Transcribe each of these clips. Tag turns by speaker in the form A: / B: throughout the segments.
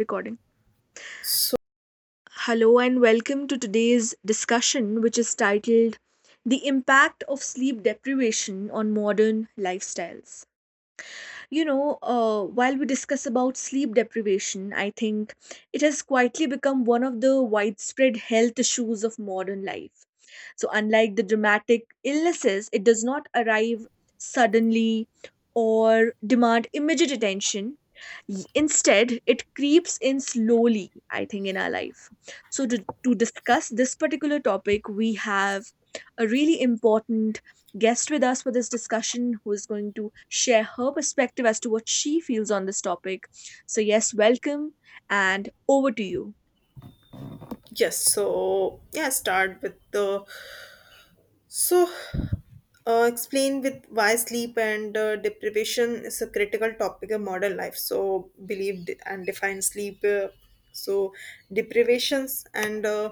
A: Recording.
B: So
A: Hello and welcome to today's discussion, which is titled The Impact of Sleep Deprivation on Modern Lifestyles. While we discuss about sleep deprivation, I think it has quietly become one of the widespread health issues of modern life. So, unlike the dramatic illnesses, it does not arrive suddenly or demand immediate attention. Instead, it creeps in slowly, I think, in our life. So, to discuss this particular topic, we have a really important guest with us for this discussion who is going to share her perspective as to what she feels on this topic. So, yes, welcome and over to you.
B: yes, start with the so explain with why sleep and deprivation is a critical topic of modern life. So believe and define sleep. So deprivations and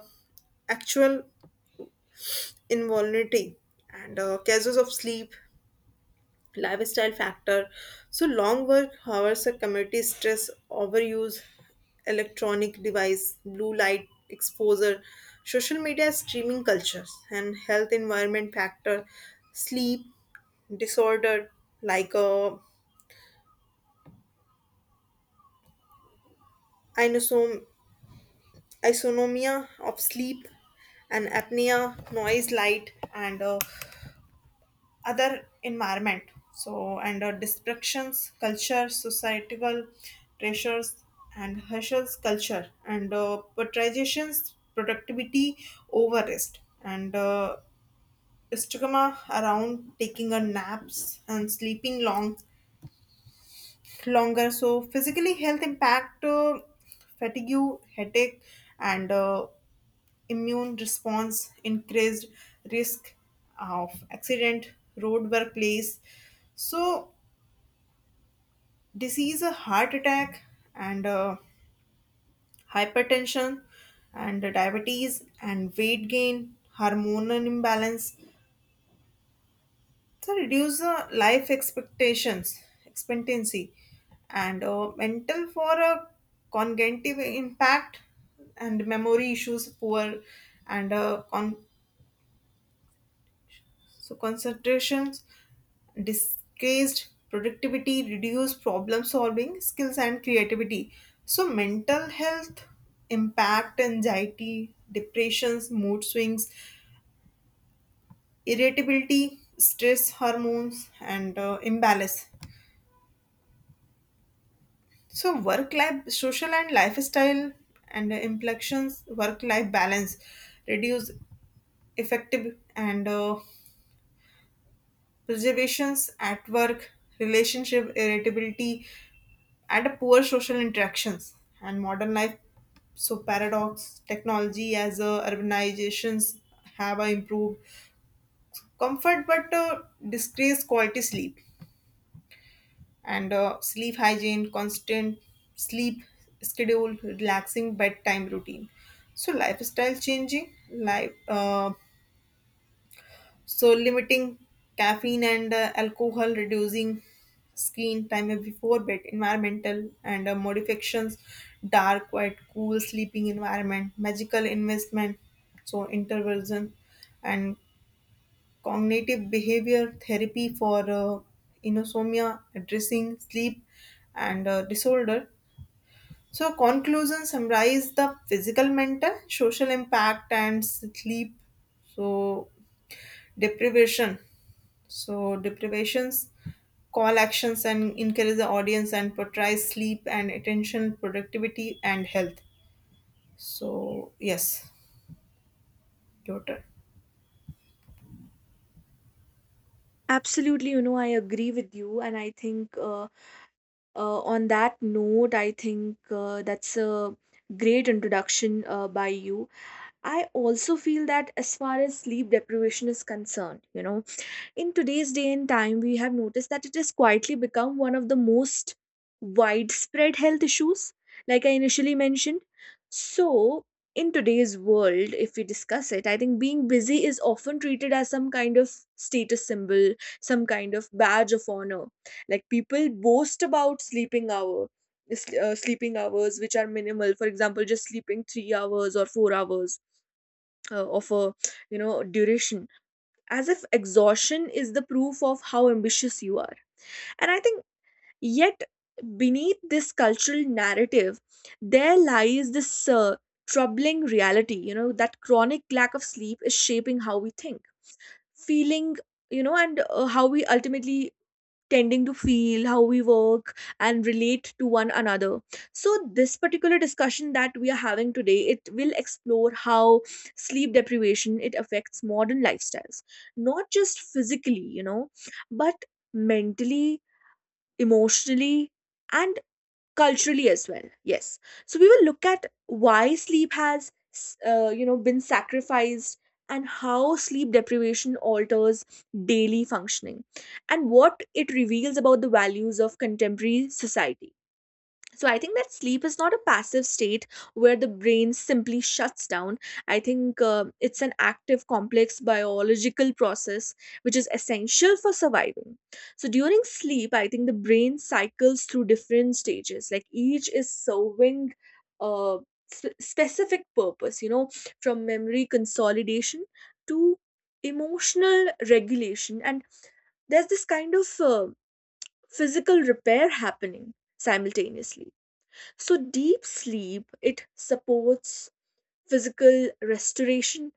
B: actual involuntary and causes of sleep lifestyle factor. So long work hours, a community stress, overuse, electronic device, blue light exposure, social media streaming cultures, and health environment factor, sleep disorder like inosom- isonomia of sleep and apnea, noise, light, and other environment, so and distractions culture societal pressures and hustles culture and patricians productivity over rest and stigma around taking a naps and sleeping longer so physically health impact, fatigue, headache, and immune response, increased risk of accident, road workplace. So, disease, a heart attack, and hypertension, and diabetes, and weight gain, hormonal imbalance. So, reduce expectancy, and mental for a cognitive impact and memory issues poor and So concentrations disguised productivity, reduce problem solving skills and creativity. So mental health impact anxiety, depressions, mood swings, irritability, stress hormones and imbalance. So work life, social and lifestyle and inflections, work life balance, reduce effective and reservations at work, relationship irritability, and poor social interactions and modern life, so paradox technology as urbanizations have improved comfort but disgrace quality sleep and sleep hygiene constant sleep schedule relaxing bedtime routine so lifestyle changing life, so limiting caffeine and alcohol, reducing screen time before bed, environmental and modifications, dark, quiet, cool sleeping environment, magical investment, so intervention and cognitive behavior therapy for insomnia, addressing sleep and disorder. So, conclusion summarize the physical, mental, social impact, and sleep. So, deprivation. So, deprivations call actions and encourage the audience and portrays sleep and attention, productivity, and health. So, yes, your turn.
A: Absolutely, you know, I agree with you. And I think on that note, I think that's a great introduction by you. I also feel that as far as sleep deprivation is concerned, you know, in today's day and time, we have noticed that it has quietly become one of the most widespread health issues, like I initially mentioned. So, in today's world, if we discuss it, I think being busy is often treated as some kind of status symbol, some kind of badge of honor. Like people boast about sleeping hour. Sleeping hours which are minimal, for example just sleeping 3 hours or 4 hours of a you know duration, as if exhaustion is the proof of how ambitious you are. And I think, yet, beneath this cultural narrative, there lies this troubling reality, you know, that chronic lack of sleep is shaping how we think, feeling, you know, and how we ultimately tending to feel, how we work and relate to one another. So this particular discussion that we are having today, it will explore how sleep deprivation, it affects modern lifestyles, not just physically, you know, but mentally, emotionally, and culturally as well. Yes. So we will look at why sleep has been sacrificed, and how sleep deprivation alters daily functioning, and what it reveals about the values of contemporary society. So I think that sleep is not a passive state where the brain simply shuts down. I think it's an active, complex biological process which is essential for surviving. So during sleep, I think the brain cycles through different stages, like each is serving a specific purpose, you know, from memory consolidation to emotional regulation, and there's this kind of physical repair happening simultaneously. So, deep sleep, it supports physical restoration,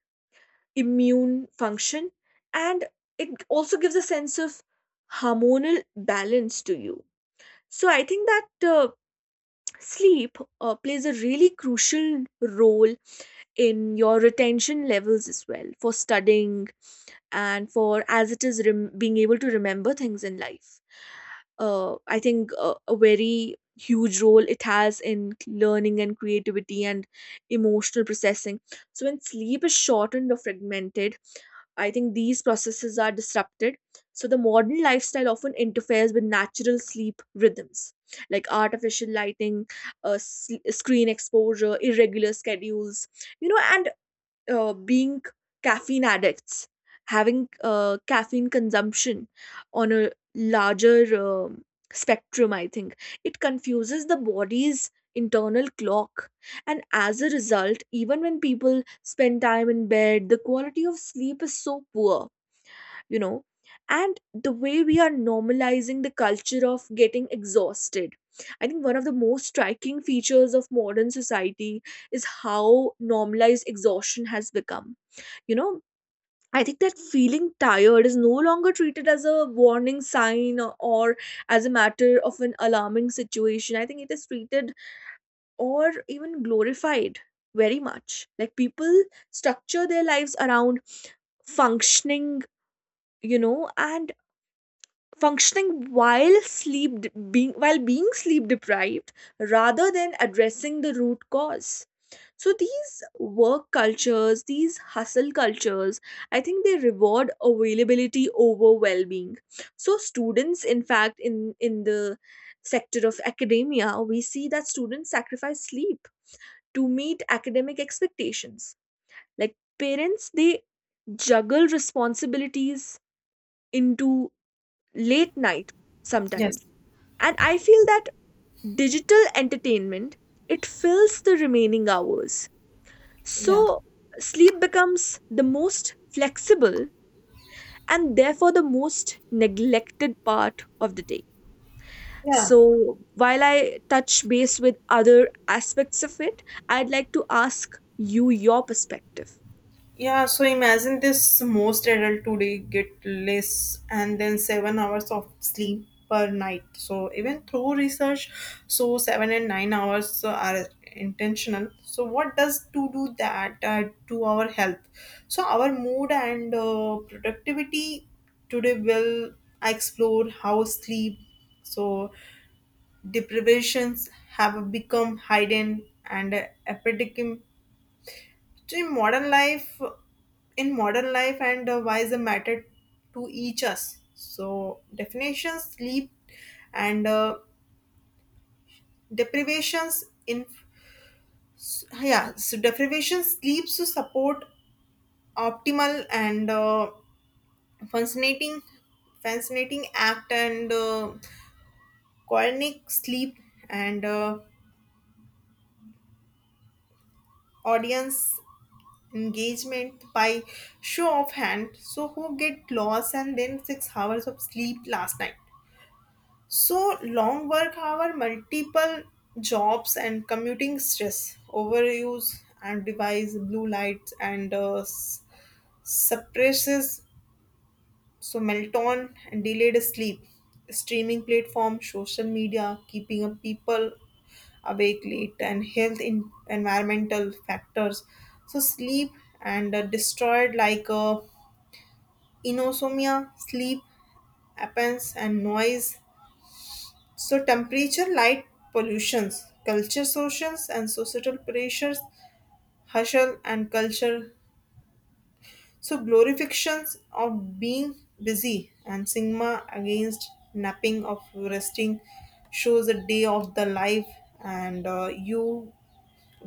A: immune function, and it also gives a sense of hormonal balance to you. So, I think that sleep plays a really crucial role in your retention levels as well for studying, and for, as it is, being able to remember things in life. I think a very huge role it has in learning and creativity and emotional processing. So when sleep is shortened or fragmented, I think these processes are disrupted. So the modern lifestyle often interferes with natural sleep rhythms, like artificial lighting, screen exposure, irregular schedules, you know, and being caffeine addicts, having caffeine consumption on a larger spectrum, I think. It confuses the body's internal clock. And as a result, even when people spend time in bed, the quality of sleep is so poor, you know. And the way we are normalizing the culture of getting exhausted, I think one of the most striking features of modern society is how normalized exhaustion has become, you know. I think that feeling tired is no longer treated as a warning sign, or as a matter of an alarming situation. I think it is treated or even glorified very much. Like people structure their lives around functioning, you know, and functioning while being sleep deprived, rather than addressing the root cause. So these work cultures, these hustle cultures, I think they reward availability over well-being. So students, in fact, in the sector of academia, we see that students sacrifice sleep to meet academic expectations. Like, parents, they juggle responsibilities into late night
B: Yes.
A: sometimes. And I feel that digital entertainment, it fills the remaining hours.
B: Yeah.
A: So sleep becomes the most flexible and therefore the most neglected part of the day.
B: Yeah.
A: So while I touch base with other aspects of it, I'd like to ask you your perspective.
B: Yeah, so imagine this most adult today get less and then 7 hours of sleep per night. So even through research, so 7 and 9 hours are intentional. So what does to do that to our health? So our mood and productivity today will explore how sleep, so deprivations have become hidden and epidemic, so in modern life, and why is a matter to each us? So definitions, sleep, and deprivations in, yeah, so deprivation sleeps to support optimal and fascinating, fascinating act and chronic sleep and audience engagement by show of hand. So who get lost and then 6 hours of sleep last night? So long work hour, multiple jobs, and commuting stress, overuse and device, blue lights, and suppresses, so melatonin and delayed sleep, streaming platform, social media, keeping up people awake late, and health in environmental factors. So sleep and destroyed like inosomia, sleep, appens and noise. So temperature, light pollutions, culture socials and societal pressures, hustle and culture. So glorifications of being busy and sigma against napping of resting shows a day of the life and you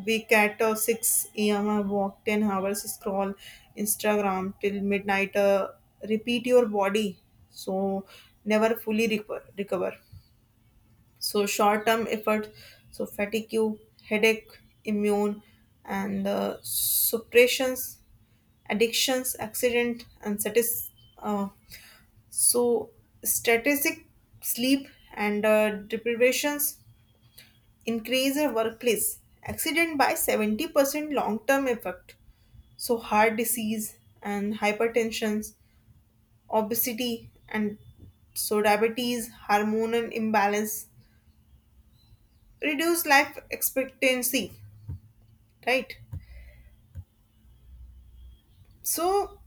B: wake at 6 a.m. I walk 10 hours scroll Instagram till midnight, repeat your body so never fully recover so short term effort, so fatigue, headache, immune, and suppressions, addictions, accident, and uh, so strategic sleep and deprivations increase a workplace accident by 70% long term effect. So heart disease and hypertension, obesity, and so diabetes, hormonal imbalance, reduce life expectancy, right, so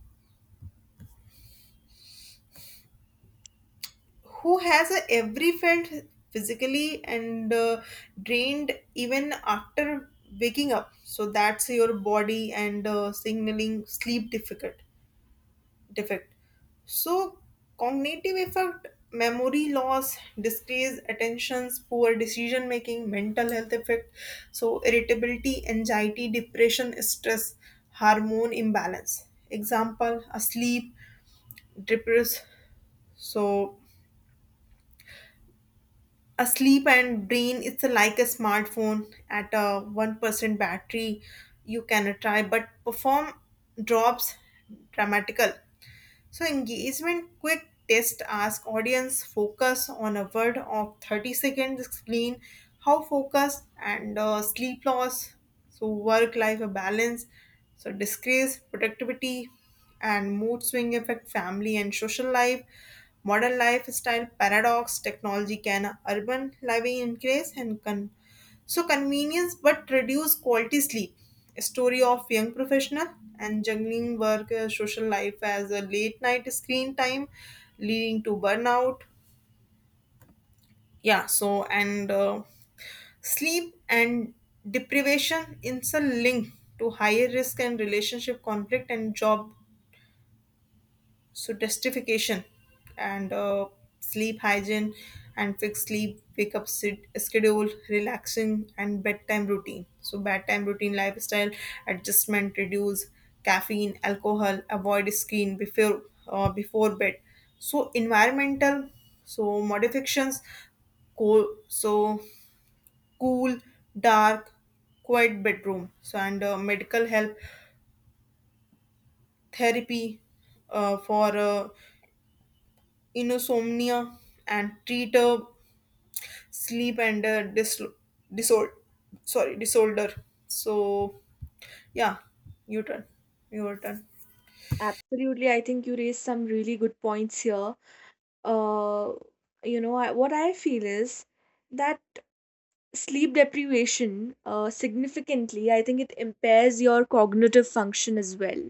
B: who has a every felt physically and drained even after waking up, so that's your body and signaling sleep difficult defect, so cognitive effect memory loss decreased attentions poor decision making mental health effect, so irritability anxiety depression stress hormone imbalance example a sleep depressed. So asleep and brain, it's like a smartphone at a 1% battery. You can try, but perform drops dramatical. So engagement quick test ask audience focus on a word of 30 seconds explain how focus and sleep loss so work life balance, so disgrace productivity and mood swing affect family and social life modern lifestyle paradox technology can urban living increase and so convenience but reduce quality sleep. A story of young professional and juggling work, social life as a late night screen time leading to burnout. Yeah, so and sleep and deprivation is a link to higher risk and relationship conflict and job, so justification and sleep hygiene and fixed sleep wake up sit, schedule relaxing and bedtime routine, so bedtime routine lifestyle adjustment reduce caffeine alcohol avoid screen before before bed, so environmental, so modifications, cool so cool dark quiet bedroom so and medical help therapy for insomnia and treat a sleep and a disorder, sorry disorder, so yeah, you turn your turn.
A: Absolutely, I think you raised some really good points here. Uh, you know, I, what I feel is that sleep deprivation significantly, I think it impairs your cognitive function as well.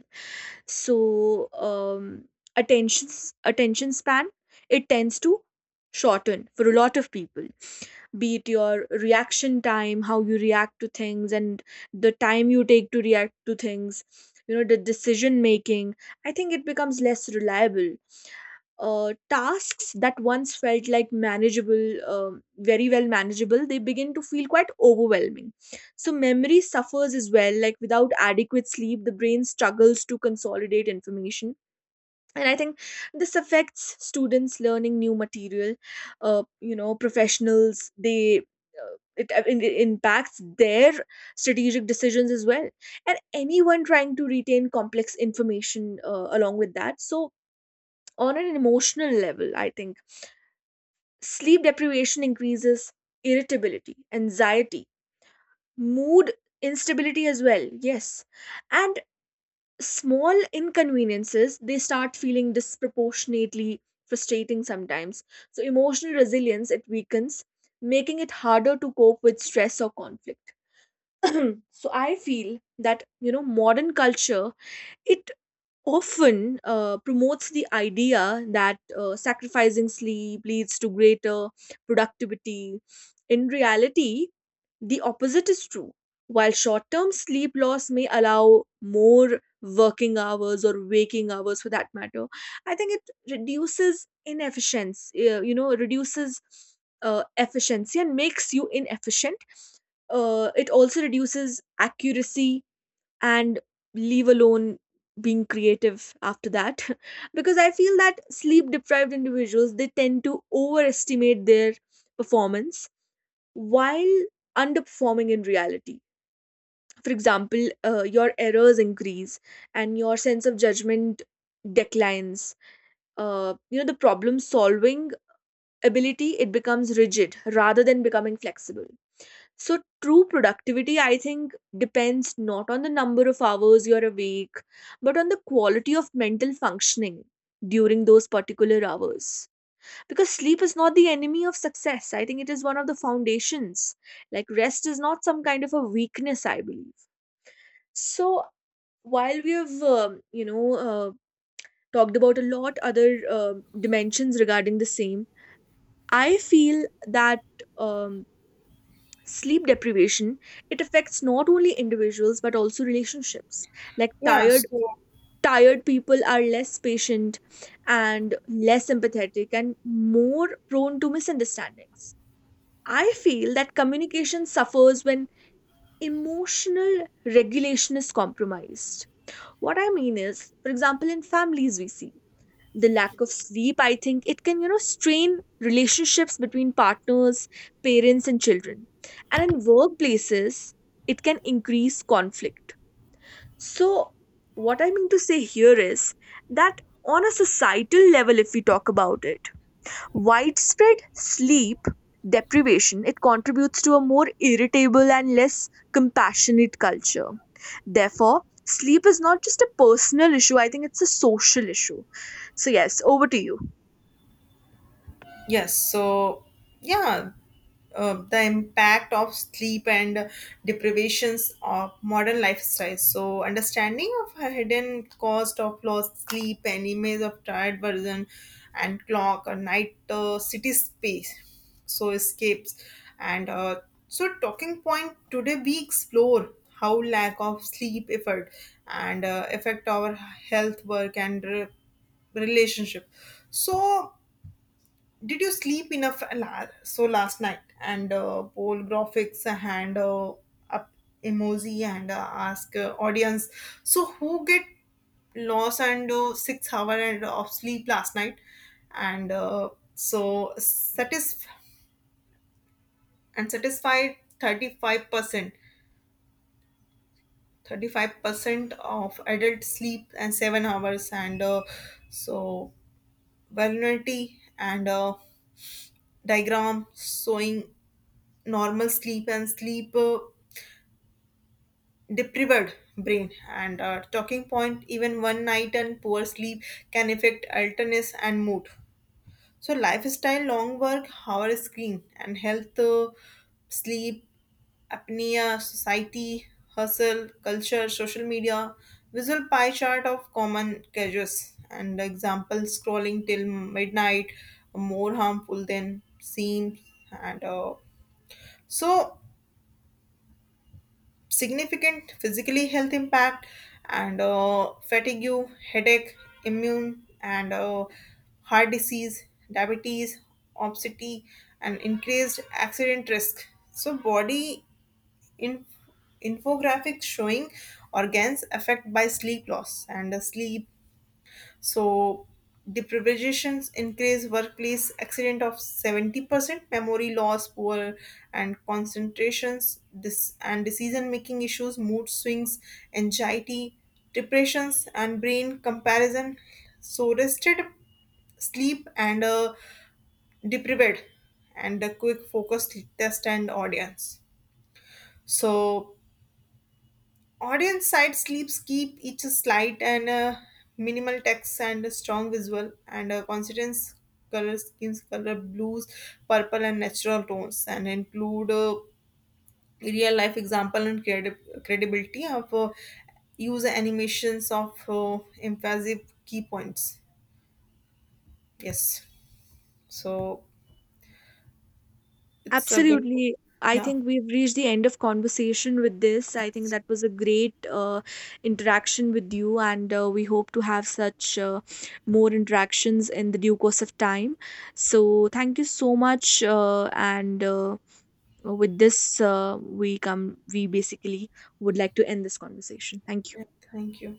A: So, attention attention span, it tends to shorten for a lot of people. Be it your reaction time, how you react to things, and the time you take to react to things. You know, the decision making, I think it becomes less reliable. Tasks that once felt like manageable, very well manageable, they begin to feel quite overwhelming. So, memory suffers as well. Like, without adequate sleep, the brain struggles to consolidate information. And I think this affects students learning new material. You know, professionals, they. It impacts their strategic decisions as well, and anyone trying to retain complex information along with that. So on an emotional level, I think sleep deprivation increases irritability, anxiety, mood instability as well. Yes. And small inconveniences, they start feeling disproportionately frustrating sometimes. So, emotional resilience, it weakens, making it harder to cope with stress or conflict. So, I feel that, you know, modern culture, it often promotes the idea that sacrificing sleep leads to greater productivity. In reality, the opposite is true. While short term sleep loss may allow more working hours or waking hours for that matter, I think it reduces inefficiency, you know, reduces efficiency and makes you inefficient. It also reduces accuracy, and leave alone being creative after that. Because I feel that sleep deprived individuals, they tend to overestimate their performance while underperforming in reality. For example, your errors increase and your sense of judgment declines. You know, the problem solving ability, it becomes rigid rather than becoming flexible. So, true productivity, I think, depends not on the number of hours you're awake, but on the quality of mental functioning during those particular hours. Because sleep is not the enemy of success. I think it is one of the foundations. Like, rest is not some kind of a weakness, I believe. So, while we have, talked about a lot other dimensions regarding the same, I feel that um, sleep deprivation, it affects not only individuals but also relationships. Like,
B: yeah so
A: tired people are less patient and less empathetic and more prone to misunderstandings. I feel that communication suffers when emotional regulation is compromised. What I mean is, for example, in families we see the lack of sleep, I think it can, you know, strain relationships between partners, parents and children. And in workplaces, it can increase conflict. So what I mean to say here is that on a societal level, if we talk about it, widespread sleep deprivation, it contributes to a more irritable and less compassionate culture. Therefore, sleep is not just a personal issue, I think it's a social issue. So yes, over to you.
B: Yes, so yeah, uh, the impact of sleep and deprivations of modern lifestyles. So, understanding of a hidden cost of lost sleep and image of tired version and clock or night city space. So, escapes and so talking point today we explore how lack of sleep effort and affect our health work and relationship. So did you sleep enough, last night? And poll graphics and up emoji and ask audience. So who get lost and 6 hour and of sleep last night? And satisfied 35%. 35% of adult sleep and 7 hours and so vulnerability and diagram showing normal sleep and sleep deprived brain and talking point even one night and poor sleep can affect alertness and mood, so lifestyle long work hour screen and health sleep apnea society hustle culture social media visual pie chart of common causes and example scrolling till midnight more harmful than seen and so significant physically health impact and fatigue, headache, immune and heart disease, diabetes, obesity, and increased accident risk. So body in infographics showing organs affected by sleep loss and sleep so deprivations increase workplace accident of 70%, memory loss, poor and concentrations, this and decision making issues, mood swings, anxiety, depressions and brain comparison. So rested sleep and deprived and a quick focused test and audience. So audience side slips keep each slide and minimal text and a strong visual and a consistent color schemes, color blues, purple and natural tones, and include real life example and credibility of user animations of emphasis key points. Yes, so it's a good.
A: Absolutely. I
B: Yeah.
A: think we've reached the end of conversation with this. I think
B: Yes.
A: that was a great interaction with you, and we hope to have such more interactions in the due course of time. So, thank you so much. And With this, we come. We basically would like to end this conversation. Thank you.
B: Yeah. Thank you.